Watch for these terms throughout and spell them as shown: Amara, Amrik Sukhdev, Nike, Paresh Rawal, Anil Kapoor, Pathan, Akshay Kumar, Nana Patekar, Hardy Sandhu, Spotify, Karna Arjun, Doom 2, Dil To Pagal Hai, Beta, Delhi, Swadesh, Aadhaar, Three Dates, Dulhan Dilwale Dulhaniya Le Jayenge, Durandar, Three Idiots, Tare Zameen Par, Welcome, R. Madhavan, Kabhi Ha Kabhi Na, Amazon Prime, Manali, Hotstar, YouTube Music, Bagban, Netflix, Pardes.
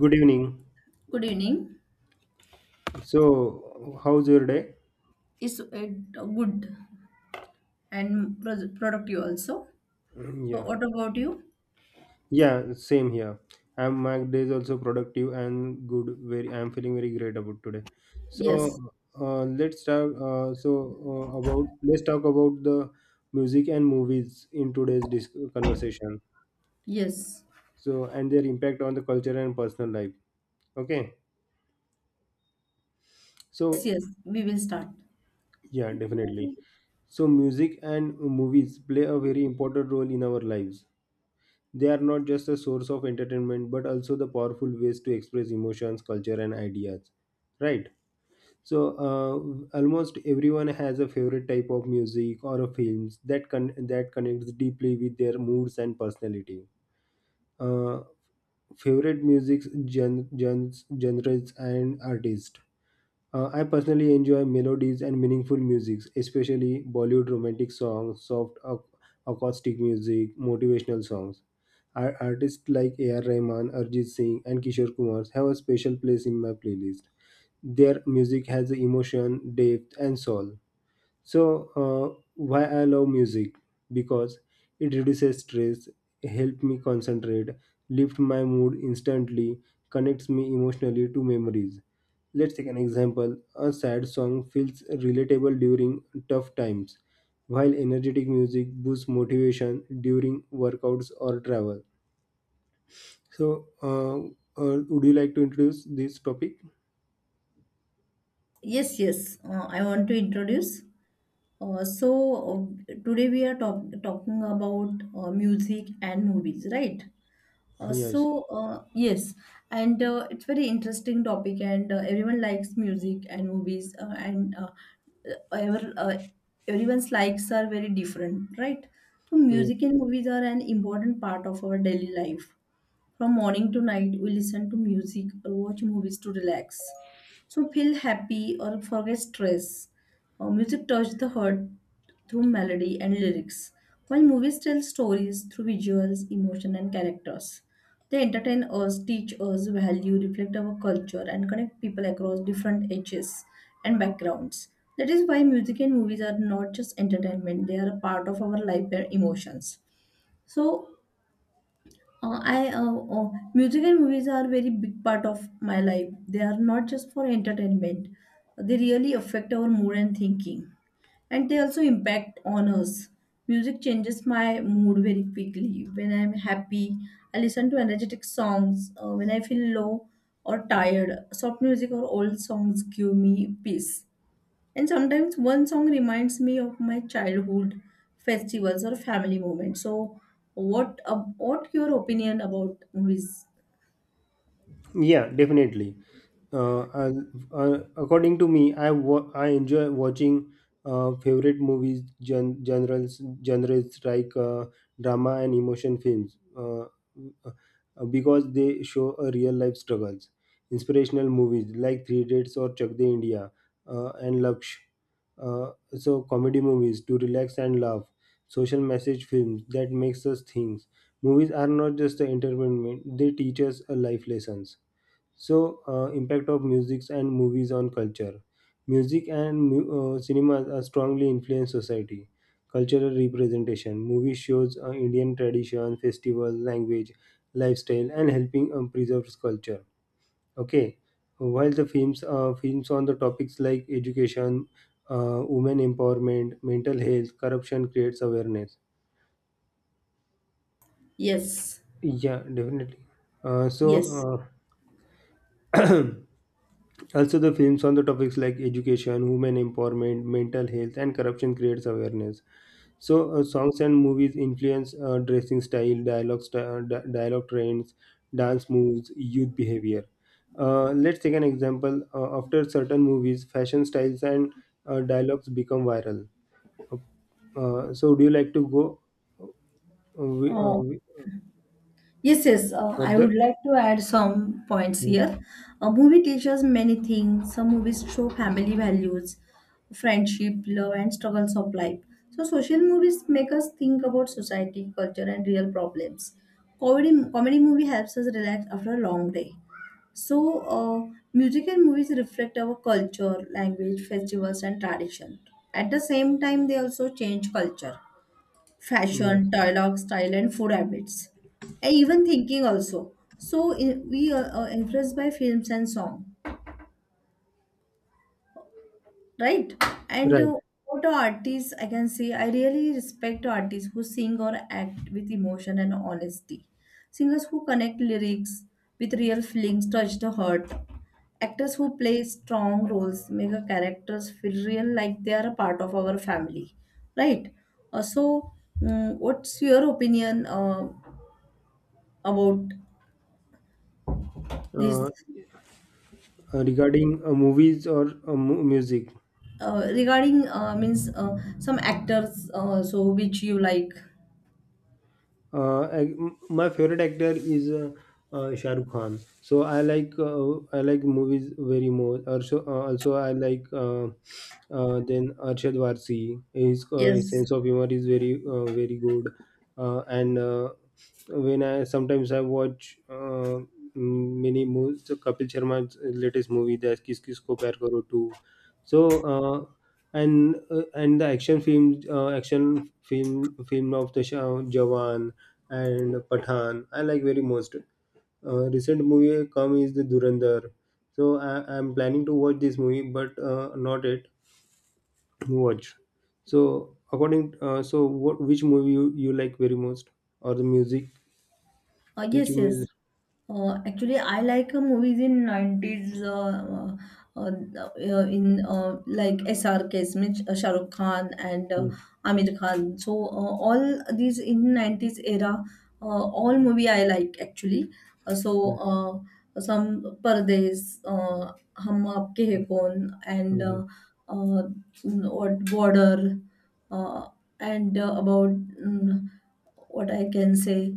Good evening. Good evening. So, how's your day? Is good and productive also. So Yeah, what about you? yeah, same here. I'm my day is also productive and good. Very, I'm feeling very great about today. Yes, So, let's talk. About let's talk about the music and movies in today's conversation. yes, So, and their impact on the culture and personal life. Okay. yes, So, yes, we will start. yeah, definitely. So, music and movies play a very important role in our lives. They are not just a source of entertainment, but also the powerful ways to express emotions, culture, and ideas. Right. So almost everyone has a favorite type of music or a films that that connects deeply with their moods and personality. Uh, favorite music genres and artists. I personally enjoy melodies and meaningful music, especially Bollywood romantic songs, soft acoustic music, motivational songs. Artists like A.R. Rahman, Arjit Singh, and Kishore Kumar have a special place in my playlist. Their music has emotion, depth, and soul. So, why I love music? Because it reduces stress, helps me concentrate, lifts my mood instantly, connects me emotionally to memories. Let's take an example. A sad song feels relatable during tough times, while energetic music boosts motivation during workouts or travel. So, would you like to introduce this topic? Yes, yes, I want to introduce. uh, so Today we are talking about music and movies, right? Yes. Yes, and it's very interesting topic, and everyone likes music and movies, uh, ever, uh, everyone's likes are very different, right? So Yes. music and movies are an important part of our daily life. From morning to night, we listen to music or watch movies to relax. So feel happy or forget stress. Music touches the heart through melody and lyrics, while movies tell stories through visuals, emotion, and characters. They entertain us, teach us value, reflect our culture, and connect people across different ages and backgrounds. That is why music and movies are not just entertainment, they are a part of our life and emotions. So, I music and movies are very big part of my life. They are not just for entertainment. They really affect our mood and thinking, and they also impact on us. Music changes my mood very quickly. When I'm happy, I listen to energetic songs. When I feel low or tired, soft music or old songs give me peace. And sometimes one song reminds me of my childhood festivals or family moments. So, what your opinion about movies? Yeah, definitely. I according to me, I enjoy watching favorite movies genres like drama and emotion films, because they show a real life struggles. Inspirational movies like Three Dates or Chak De India and Laksh. Uh, so comedy movies to relax and laugh. Social message films that makes us think. Movies are not just the entertainment; they teach us a life lessons. So, impact of music and movies on culture. Music and cinema are strongly influence society. Cultural representation. Movie shows Indian tradition, festival, language, lifestyle, and helping preserve culture. Okay, while the films, films on the topics like education, women empowerment, mental health, corruption creates awareness. Yes, Yeah, definitely. Uh, so. yes. Uh, Also, the films on the topics like education, women empowerment, mental health, and corruption creates awareness. So, songs and movies influence dressing style, dialogue, dialogue trends, dance moves, youth behavior. Let's take an example. After certain movies, fashion styles and dialogues become viral. Uh, so, do you like to go uh, wi- uh, Oh, wi- yes, yes, I further? would like to add some points Mm. here. A movie teaches many things. Some movies show family values, friendship, love, and struggles of life. So, social movies make us think about society, culture, and real problems. Comedy movie helps us relax after a long day. So, music and movies reflect our culture, language, festivals, and tradition. At the same time, they also change culture Yes. fashion, dialogue, style, and food habits. I even thinking also. So in, we are influenced by films and song, right? And Right. What are artists? I can say I really respect artists who sing or act with emotion and honesty. Singers who connect lyrics with real feelings touch the heart. Actors who play strong roles make our characters feel real, like they are a part of our family, right? Uh, so, what's your opinion about Uh, this, uh, Regarding movies or music. Regarding means some actors, so which you like? uh, ac- my favorite actor is Shah Rukh Khan. So I like movies very more. Also, also I like then Arshad Varsi. His Yes. sense of humor is very very good. And when I sometimes I watch many movies. So Kapil Sharma's latest movie that Kis Kis Ko Pyar Karo 2. So. Uh, and the action films, action film of the Jawan and Pathan. I like very most. Recent movie come is the Durandar. So I am planning to watch this movie, but not yet watch. So what which movie you, you like very most or the music? Which Yes, yes. music? Actually, I like movies in 90s, in, like SRK, means Shah Rukh Khan and Hmm, Amir Khan. So all these in 90s era, all movie I like actually. Uh, so hmm, some Pardes, Hum Aapke Hai Kaun, hmm, and hmm. Uh, what Border, uh, and about what I can say.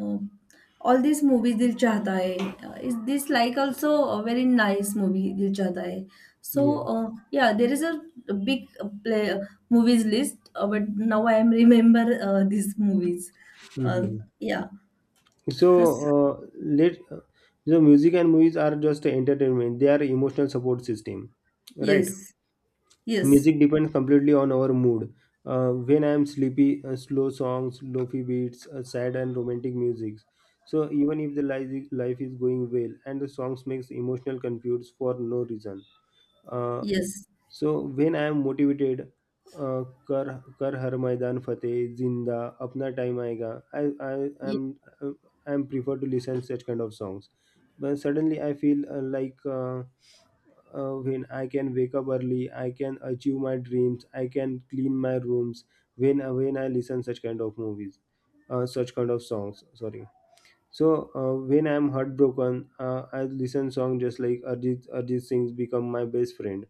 Um, all these movies Dil Chahta Hai. Is this like also a very nice movie Dil Chahta Hai. So Yeah. Yeah, there is a big play movies list, but now I am remember these movies. Hmm, Uh, hmm, hmm. yeah. Yes. So let the music and movies are just entertainment. They are emotional support system, right? Yes. Music depends completely on our mood. When I am sleepy, slow songs, lofi beats, sad and romantic music. So even if the life is going well, and the songs makes emotional confused for no reason. Uh, Yes. so when I am motivated, uh, कर हर मैदान फतेह जिंदा अपना time आएगा I I am I am prefer to listen such kind of songs but suddenly I feel like, when I can wake up early, I can achieve my dreams, I can clean my rooms when I listen such kind of movies, such kind of songs. Sorry. So when I'm heartbroken, I listen song just like Arjit Singh's "Become My Best Friend."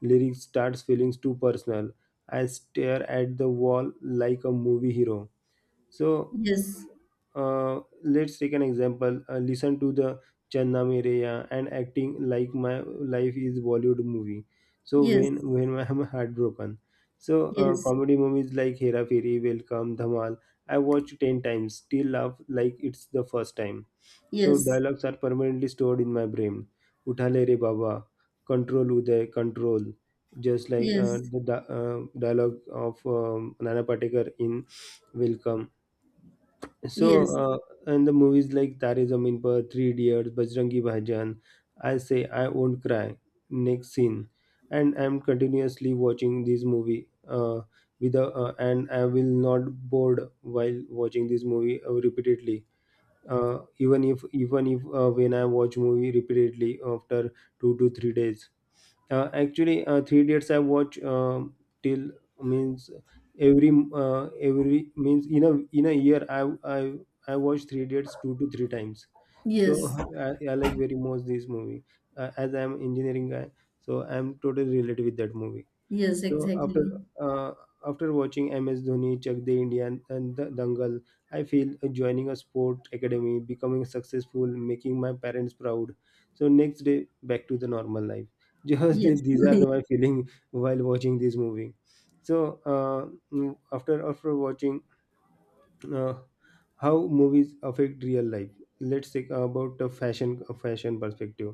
Lyrics starts feelings too personal. I stare at the wall like a movie hero. So Yes. Let's take an example. Listen to the Channa Mereya and acting like my life is Bollywood movie. So Yes. when I'm heartbroken. So Yes. comedy movies like Hera Fairy, Welcome, Dhamal. I watched 10 times, still laugh like it's the first time. So Yes. dialogues are permanently stored in my brain. Uthale re baba, control uday, control. Just like Yes. Dialogue of Nana Patekar in Welcome. so, Yes. Yes. uh, and the movies like Tare Zameen Par, Three Idiots, Bajrangi Bhaijaan, I Say I Won't Cry, Next Scene, and I'm continuously watching this movie. And I will not bored while watching this movie repeatedly. Even if when I watch movie repeatedly after 2 to 3 days. Actually, Three dates I watch till means every means in a year I I watch Three dates 2 to 3 times. So Yes. I like very much this movie as I'm engineering guy. So I'm totally related with that movie. Yes. So Exactly. after after watching MS Dhoni, Chak De India, and the Dangal, I feel joining a sport academy, becoming successful, making my parents proud. So next day, back to the normal life. Just Yes. these are the, my feeling while watching this movie. So after watching, uh, how movies affect real life, let's take about the fashion perspective.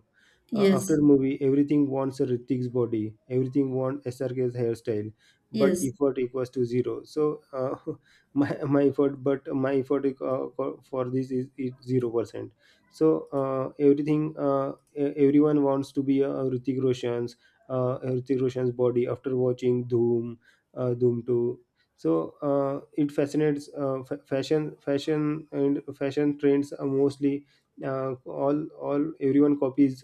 After Yes. movie everything wants a Ritik's body, everything wants SRK's hairstyle, but Yes. effort equals to zero. So my effort for this is 0%. So everyone wants to be a Ritik Roshan's body after watching Doom, Doom 2. So it fascinates fashion and fashion trends are mostly all everyone copies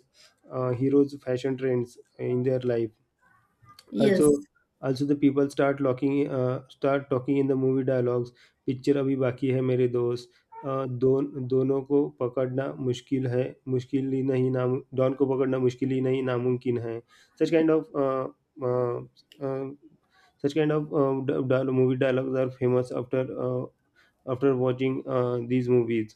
heroes fashion trends in their life. Yes. Also, also the people start locking, start talking in the movie dialogues. Picture अभी बाकी है मेरे दोस्त. अ, दोन दोनों को पकड़ना मुश्किल है, मुश्किल ही नहीं, नाम डॉन को पकड़ना मुश्किल ही नहीं, नामुमकिन है. Such kind of such kind of movie dialogues are famous after after watching these movies.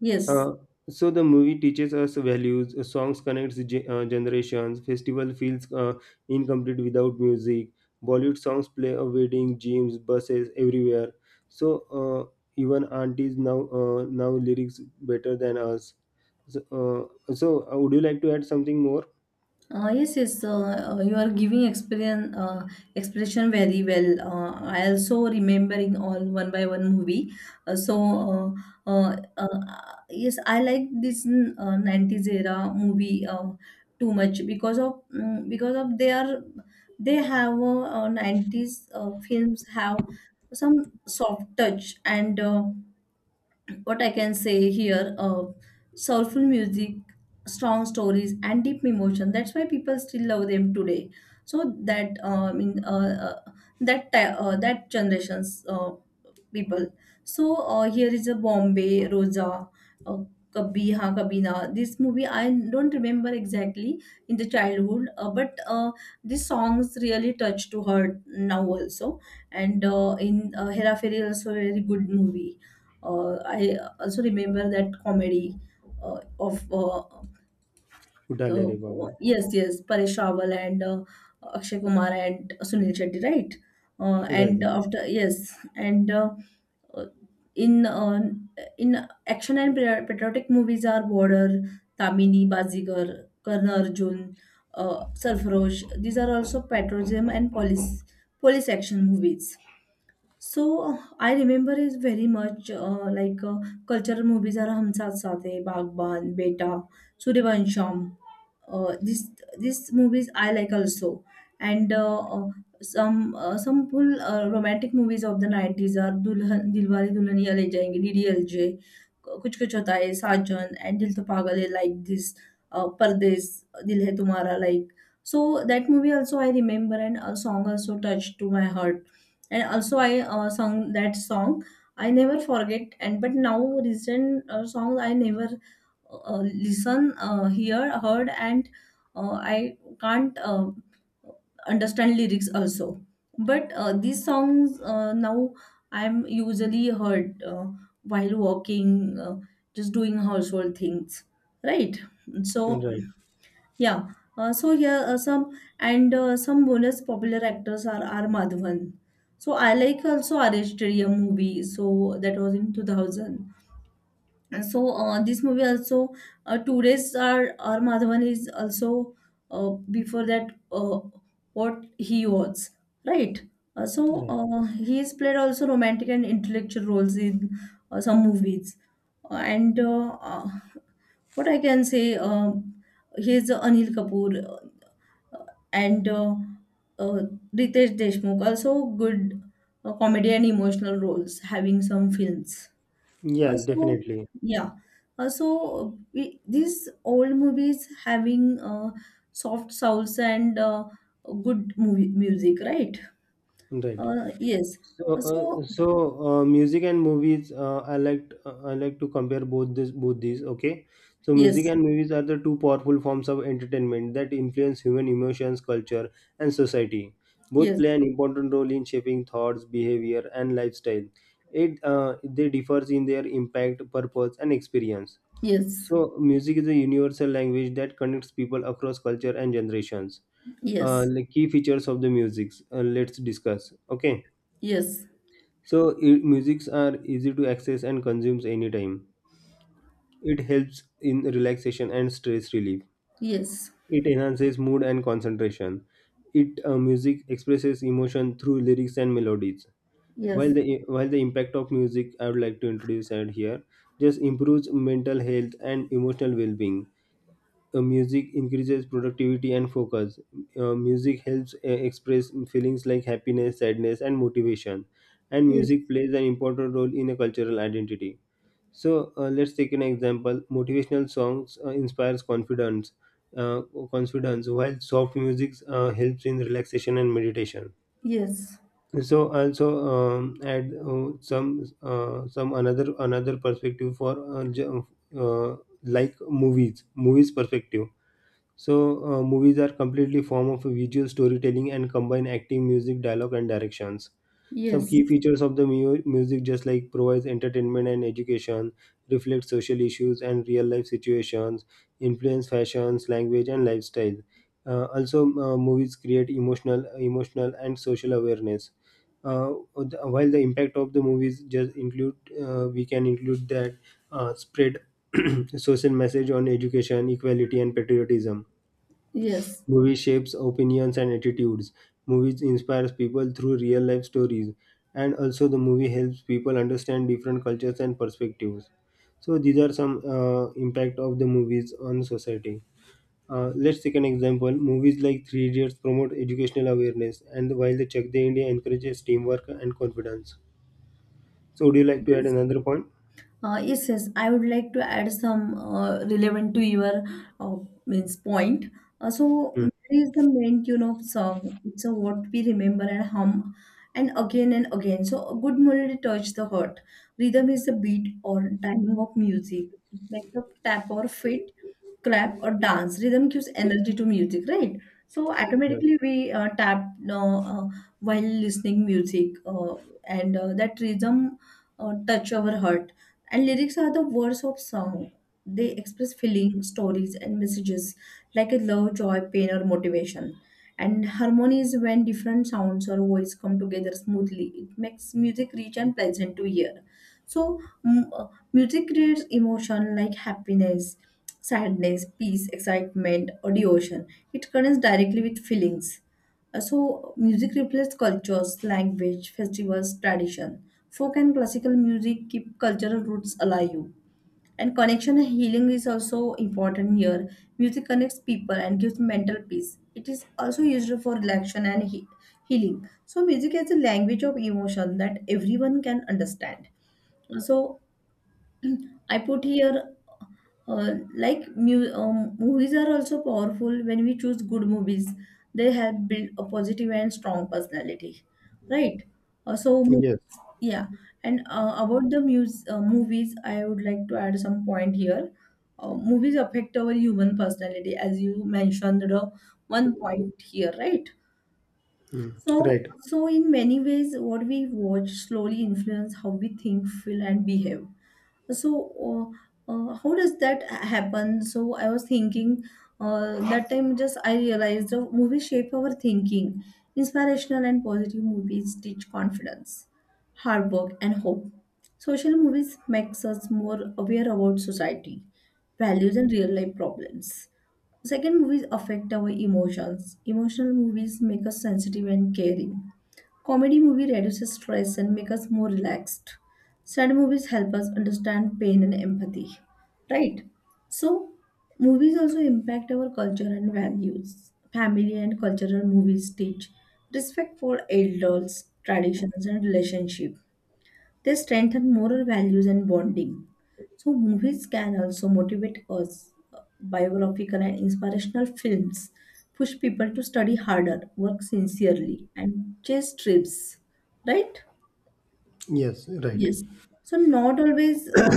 Yes. Uh, so the movie teaches us values, songs connects generations, festival feels incomplete without music. Bollywood songs play a wedding, gyms, buses everywhere. So even aunties now now lyrics better than us. So, would you like to add something more? Yes, yes, you are giving experience, expression very well. I also remembering all one by one movie. Uh, so, uh, uh, uh, yes, I like this 90s era movie too much because of their they have 90s films have some soft touch and what I can say here, soulful music, strong stories, and deep emotion. That's why people still love them today. So that, I mean, that generations people. So here is a Bombay, Rosa, uh, Kabhi Ha Kabhi Na. This movie I don't remember exactly in the childhood, but these songs really touch to her now also. And in Hera Fairy also a very good movie. I also remember that comedy of Udale re the, Baba. yes, yes, Paresh Rawal and Akshay Kumar and Sunil Shetty, right? And Right, after, yes, and uh, in uh, in action and patriotic movies are Border, Tamini, Bazigar, Karna Arjun, Sarfarosh. These are also patriotism and police action movies. So I remember is very much like cultural movies are Hum Saath Saath Hai, Bagban, Beta, Suryavansham. This These movies I like also, and some full romantic movies of the 90s are Dulhan Dilwale Dulhaniya Le Jayenge, DDLJ, Kuch Kuch Hota Hai, Sajan, and Dil To Pagal Hai like this, Pardes, Dil Hai Tumhara like. So that movie also I remember, and a song also touched to my heart, and also I sung that song. I never forget. And but now recent songs I never listen hear heard, and I can't understand lyrics also. But these songs, now I'm usually heard while walking, just doing household things, right? right, So right. yeah. Here some bonus popular actors are R. Madhavan. So I like also Arashtriya movie. So that was in 2000. And so this movie also, 2 days. R. Madhavan is also uh, before that, what he was, right. He has played also romantic and intellectual roles in some movies. And What I can say, he is Anil Kapoor and uh, Ritesh Deshmukh also good comedy and emotional roles having some films Yes, also. definitely. Yeah. Also these old movies having soft sounds and good movie music, right. Right. Yes. So, So music and movies. I like to compare both these. Okay, so music yes, and movies are the two powerful forms of entertainment that influence human emotions, culture, and society. Both yes, play an important role in shaping thoughts, behavior, and lifestyle. It They differs in their impact, purpose, and experience. yes, So, music is a universal language that connects people across culture and generations. Yes, The key features of the music. Let's discuss. Okay. yes, So musics are easy to access and consumes anytime. It helps in relaxation and stress relief. It enhances mood and concentration. It Music expresses emotion through lyrics and melodies. While yes, the while the impact of music I would like to introduce out here just improves mental health and emotional well-being. Music increases productivity and focus. Music helps express feelings like happiness, sadness, and motivation. And yes, music plays an important role in a cultural identity. So let's take an example. Motivational songs inspires confidence, uh, while soft music helps in relaxation and meditation. yes, So also add some another perspective for uh, j- uh, like movies perspective. So, movies are completely form of visual storytelling and combine acting, music, dialogue, and directions. yes, Some yes, key yes, features of the music just like provides entertainment and education, reflects social issues and real life situations, influence fashions, language, and lifestyle. Also, movies create emotional and social awareness. Uh, while the impact of the movies just include, we can include that spread social message on education, equality, and patriotism. yes, Movie shapes opinions and attitudes. Movies inspires people through real life stories. And also the movie helps people understand different cultures and perspectives. So these are some impact of the movies on society. Let's take an example. Movies like Three Idiots promote educational awareness, and while the Chak De India encourages teamwork and confidence. So, would you like to add yes. another point? Yes, yes. I would like to add some relevant to your uh, means point. Hmm. There is the main tune of song. It's a what we remember and hum, and again and again. So a good melody touch the heart. Rhythm is the beat or timing of music. It makes a tap or fit, clap or dance. Rhythm gives energy to music, right? So Right. automatically we tap while listening music, and that rhythm touch our heart, and lyrics are the words of song. They express feelings, stories, and messages like a love, joy, pain, or motivation. And harmony is when different sounds or voice come together smoothly. It makes music rich and pleasant to hear. So, music creates emotion like happiness, sadness, peace, excitement, or devotion. It connects directly with feelings. So music reflects cultures, language, festivals, tradition. Folk and classical music keep cultural roots alive. And connection and healing is also important here. Music connects people and gives mental peace. It is also used for relaxation and healing. So music is a language of emotion that everyone can understand. So I put here like movies are also powerful when we choose good movies. They help build a positive and strong personality, right? Uh, so mo- Yes. yeah, and about the movies, I would like to add some point here. Movies affect our human personality, as you mentioned the one point here, right? So Right. so in many ways, what we watch slowly influence how we think, feel, and behave. So how does that happen? So I was thinking, that time, just I realized the movie shape our thinking. Inspirational and positive movies teach confidence, hard work, and hope. Social movies makes us more aware about society values and real life problems. Second, movies affect our emotions. Emotional movies make us sensitive and caring. Comedy movie reduces stress and make us more relaxed. Sad movies help us understand pain and empathy, right? So movies also impact our culture and values. Family and cultural movies teach respect for elders, traditions, and relationship. They strengthen moral values and bonding. So, movies can also motivate us. Biographical and inspirational films push people to study harder, work sincerely, and chase trips, right? Yes. Right. Yes. So, not always,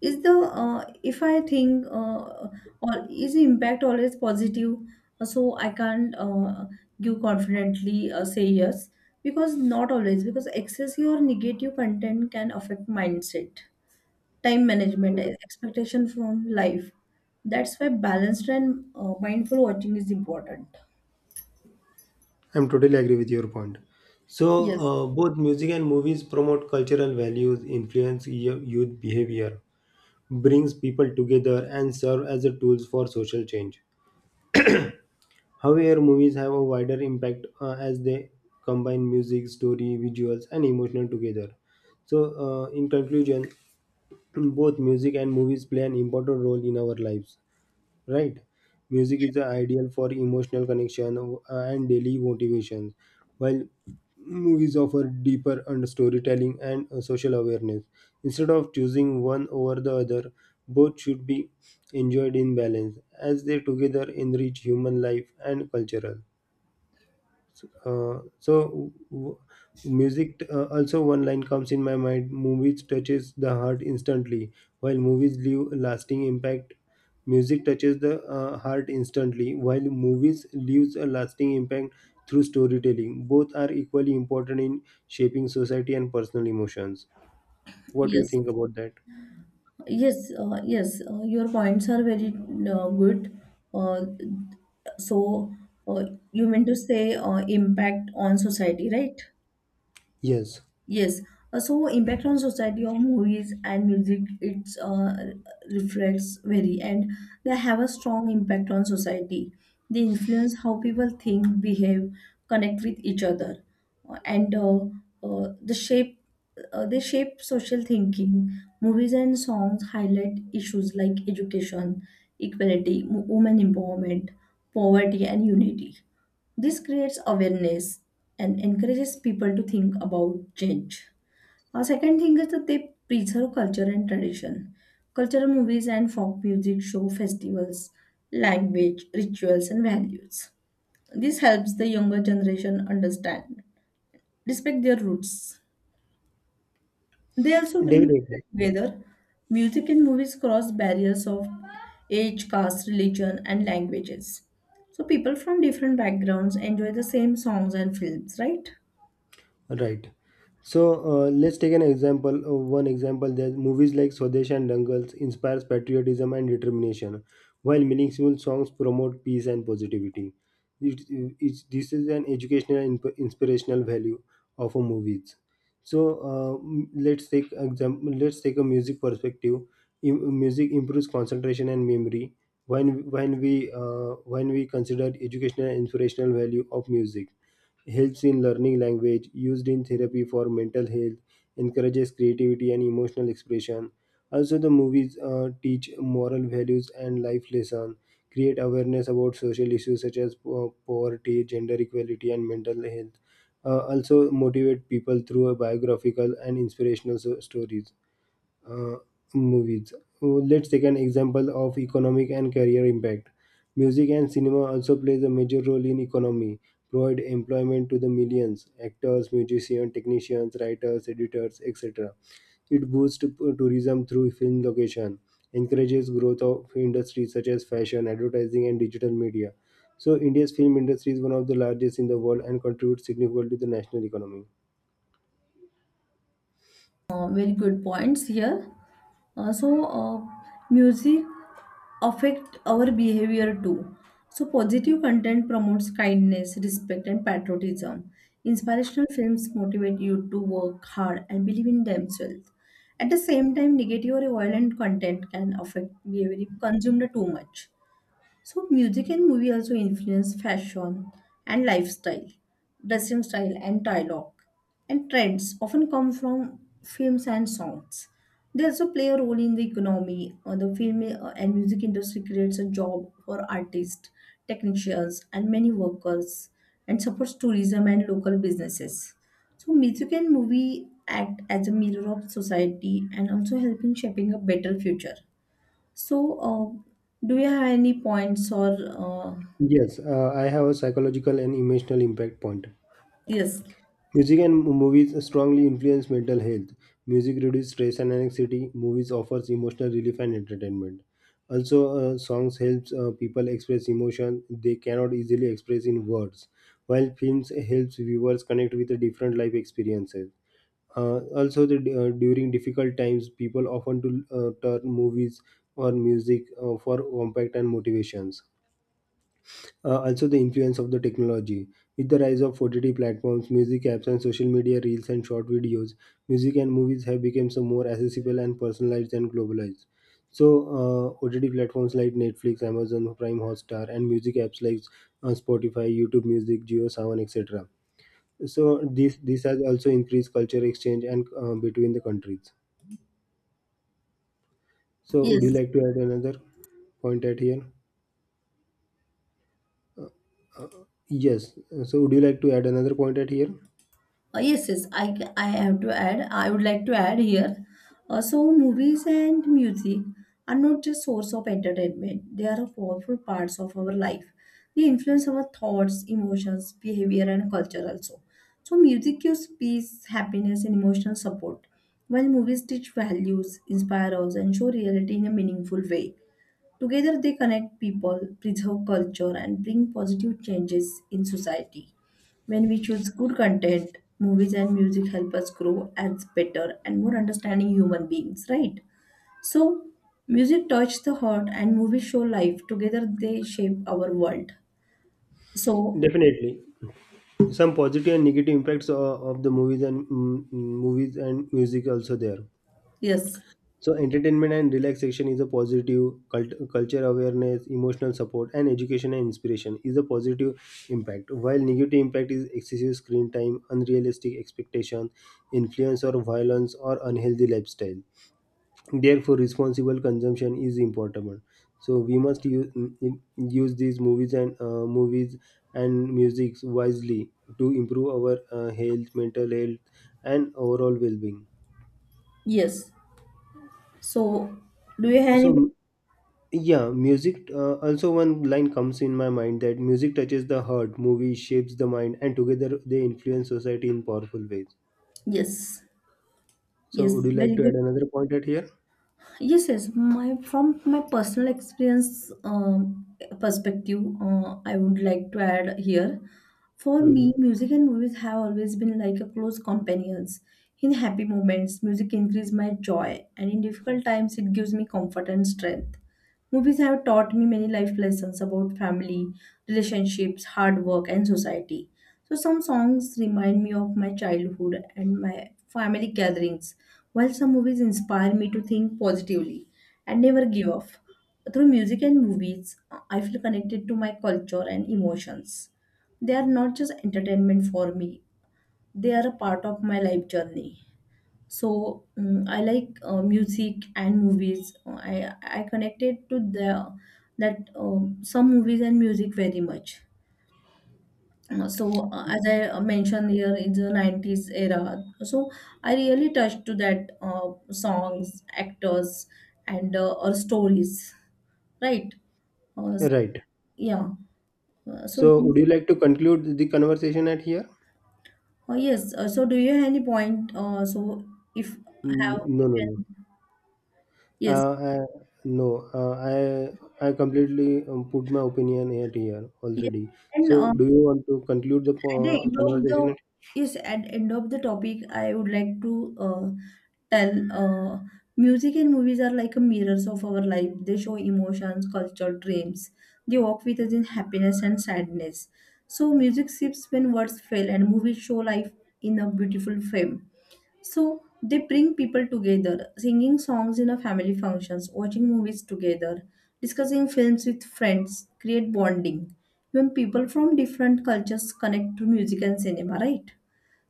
is the, if I think, or is the impact always positive? So, I can't give confidently, say yes, because not always, because excessive or negative content can affect mindset, time management, expectation from life. That's why balanced and mindful watching is important. I'm totally agree with your point. So, Yes, both music and movies promote cultural values, influence youth behavior, brings people together, and serve as a tools for social change. However, movies have a wider impact as they combine music, story, visuals, and emotional together. So, in conclusion, both music and movies play an important role in our lives, right? Music is the ideal for emotional connection and daily motivations, while movies offer deeper and storytelling and social awareness. Instead of choosing one over the other, both should be enjoyed in balance, as they together enrich human life and cultural. Uh, so w- Music also one line comes in my mind, movies touches the heart instantly while movies leave lasting impact. Music touches the heart instantly while movies leaves a lasting impact through storytelling. Both are equally important in shaping society and personal emotions. What do you yes, think about that? yes, yes. Your points are very good. Uh, so uh, you mean to say, impact on society, right? Yes, Yes. Impact on society of movies and music, it's reflects very, and they have a strong impact on society. They influence how people think, behave, connect with each other. And the shape They shape social thinking. Movies and songs highlight issues like education, equality, women empowerment, poverty, and unity. This creates awareness and encourages people to think about change. A second thing is that they preserve culture and tradition. Cultural movies and folk music show festivals, language, rituals, and values. This helps the younger generation understand, respect their roots. They also bring people definitely. together. Music and movies cross barriers of age, caste, religion, and languages. So people from different backgrounds enjoy the same songs and films, right? Right. So let's take an example. One example, that movies like Swadesh and Dangles inspires patriotism and determination, while meaningful songs promote peace and positivity. It, this is an educational and inspirational value of a movies. So let's take example. Let's take a music perspective. Music improves concentration and memory. When we when we consider educational and inspirational value of music, helps in learning language, used in therapy for mental health, encourages creativity and emotional expression. Also, the movies teach moral values and life lessons, create awareness about social issues such as poverty, gender equality, and mental health. Also, motivate people through a biographical and inspirational stories, uh, movies. Oh, let's take an example of economic and career impact. Music and cinema also plays a major role in economy, provide employment to the millions, actors, musicians, technicians, writers, editors, etc. It boosts tourism through film location, encourages growth of industries such as fashion, advertising, and digital media. So India's film industry is one of the largest in the world and contributes significantly to the national economy. Very good points here. Uh, so, uh, Music affect our behavior too. So, positive content promotes kindness, respect, and patriotism. Inspirational films motivate you to work hard and believe in themselves. At the same time, negative or violent content can affect behavior if consumed too much. So music and movie also influence fashion and lifestyle, dressing style and dialogue. And trends often come from films and songs. They also play a role in the economy. The film and music industry creates a job for artists, technicians, and many workers, and supports tourism and local businesses. So music and movie act as a mirror of society and also help in shaping a better future. So, do you have any points or Yes, I have a psychological and emotional impact point. yes, Music and movies strongly influence mental health. Music reduces stress and anxiety. Movies offers emotional relief and entertainment. Also, songs helps people express emotion they cannot easily express in words, while films helps viewers connect with the different life experiences. Also, during difficult times, people often to turn movies or music for impact and motivations. Also, the influence of the technology. With the rise of OTT platforms, music apps, and social media reels and short videos, music and movies have become so more accessible and personalized and globalized. So, OTT platforms like Netflix, Amazon Prime, Hotstar, and music apps like Spotify, YouTube Music, JioSaavn, etc. So, this has also increased culture exchange and between the countries. So, would you yes, like to add another point at here? Yes. So, would you like to add another point at here? Yes, I have to add, I would like to add here. Movies and music are not just source of entertainment, they are a powerful parts of our life. They influence our thoughts, emotions, behavior, and culture also. So, music gives peace, happiness, and emotional support, while movies teach values, inspire us, and show reality in a meaningful way. Together, they connect people, preserve culture, and bring positive changes in society. When we choose good content, movies and music help us grow as better and more understanding human beings, right? So, music touches the heart and movies show life. Together, they shape our world. So, Definitely. Some positive and negative impacts of the movies and movies and music also there. yes, So entertainment and relaxation is a positive, culture awareness, emotional support, and education and inspiration is a positive impact, while negative impact is excessive screen time, unrealistic expectation, influence or violence or unhealthy lifestyle. Therefore, responsible consumption is important. So we must use these movies and movies and music wisely to improve our health mental health and overall well-being. yes. So, do you have any? So yeah, music also one line comes in my mind, that music touches the heart, movie shapes the mind, and together they influence society in powerful ways. Yes, So yes, would you like very to add good. another point at here? Yes, yes. My from my personal experience perspective, I would like to add here. For Hmm. me, music and movies have always been like a close companions. In happy moments, music increases my joy, and in difficult times, it gives me comfort and strength. Movies have taught me many life lessons about family, relationships, hard work, and society. So, some songs remind me of my childhood and my family gatherings, while some movies inspire me to think positively and never give up. Through music and movies, I feel connected to my culture and emotions. They are not just entertainment for me, they are a part of my life journey. So, mm, I like music and movies. I connected to the that, some movies and music very much. Uh, so as I mentioned here, in the 90s era, so I really touched to that songs, actors, and or stories, right? uh, Right. yeah Uh, so So would you like to conclude the conversation at here? Oh yes. So, do you have any point? So, if Mm, have you no, no, no. can. Yes, Uh, I, no, uh, I I completely put my opinion at here yes. already. And So, do you want to conclude the At the end of the, conversation? yes, at end of the topic, I would like to tell, music and movies are like a mirrors of our life. They show emotions, culture, dreams. They walk with us in happiness and sadness. So music shifts when words fail, and movies show life in a beautiful frame. So they bring people together, singing songs in a family functions, watching movies together, discussing films with friends, create bonding. Even people from different cultures connect through music and cinema, right?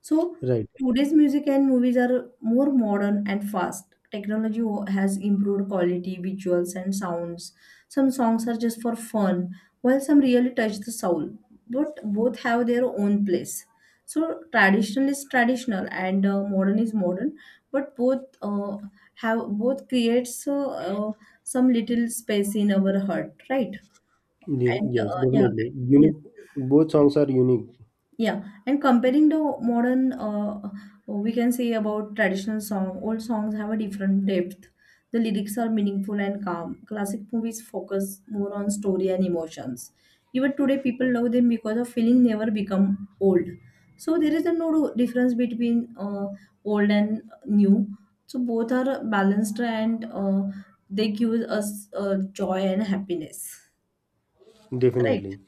So Right. today's music and movies are more modern and fast. Technology has improved quality, visuals, and sounds. Some songs are just for fun, while some really touch the soul. But both have their own place. So traditional is traditional and modern is modern, but both creates some little space in our heart, right? And Yes, uh, yeah, definitely. yes. Unique. Both songs are unique, Yeah, and comparing the modern, we can say about traditional song, old songs have a different depth. The lyrics are meaningful and calm. Classic movies focus more on story and emotions. Even today, people love them because of feeling never become old. So there is a no difference between old and new. So both are balanced and they give us joy and happiness. Right? definitely.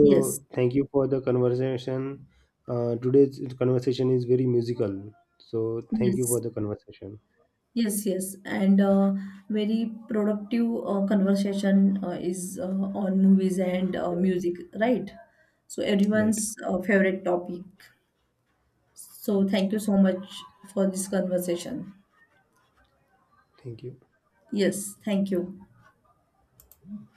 Yes. thank you for the conversation. Today's conversation is very musical. So, thank you for Yes. the conversation. Yes, yes, and very productive conversation is on movies and Yeah. music, right? So Right. everyone's favorite topic. So thank you so much for this conversation. Thank you. Yes, thank you.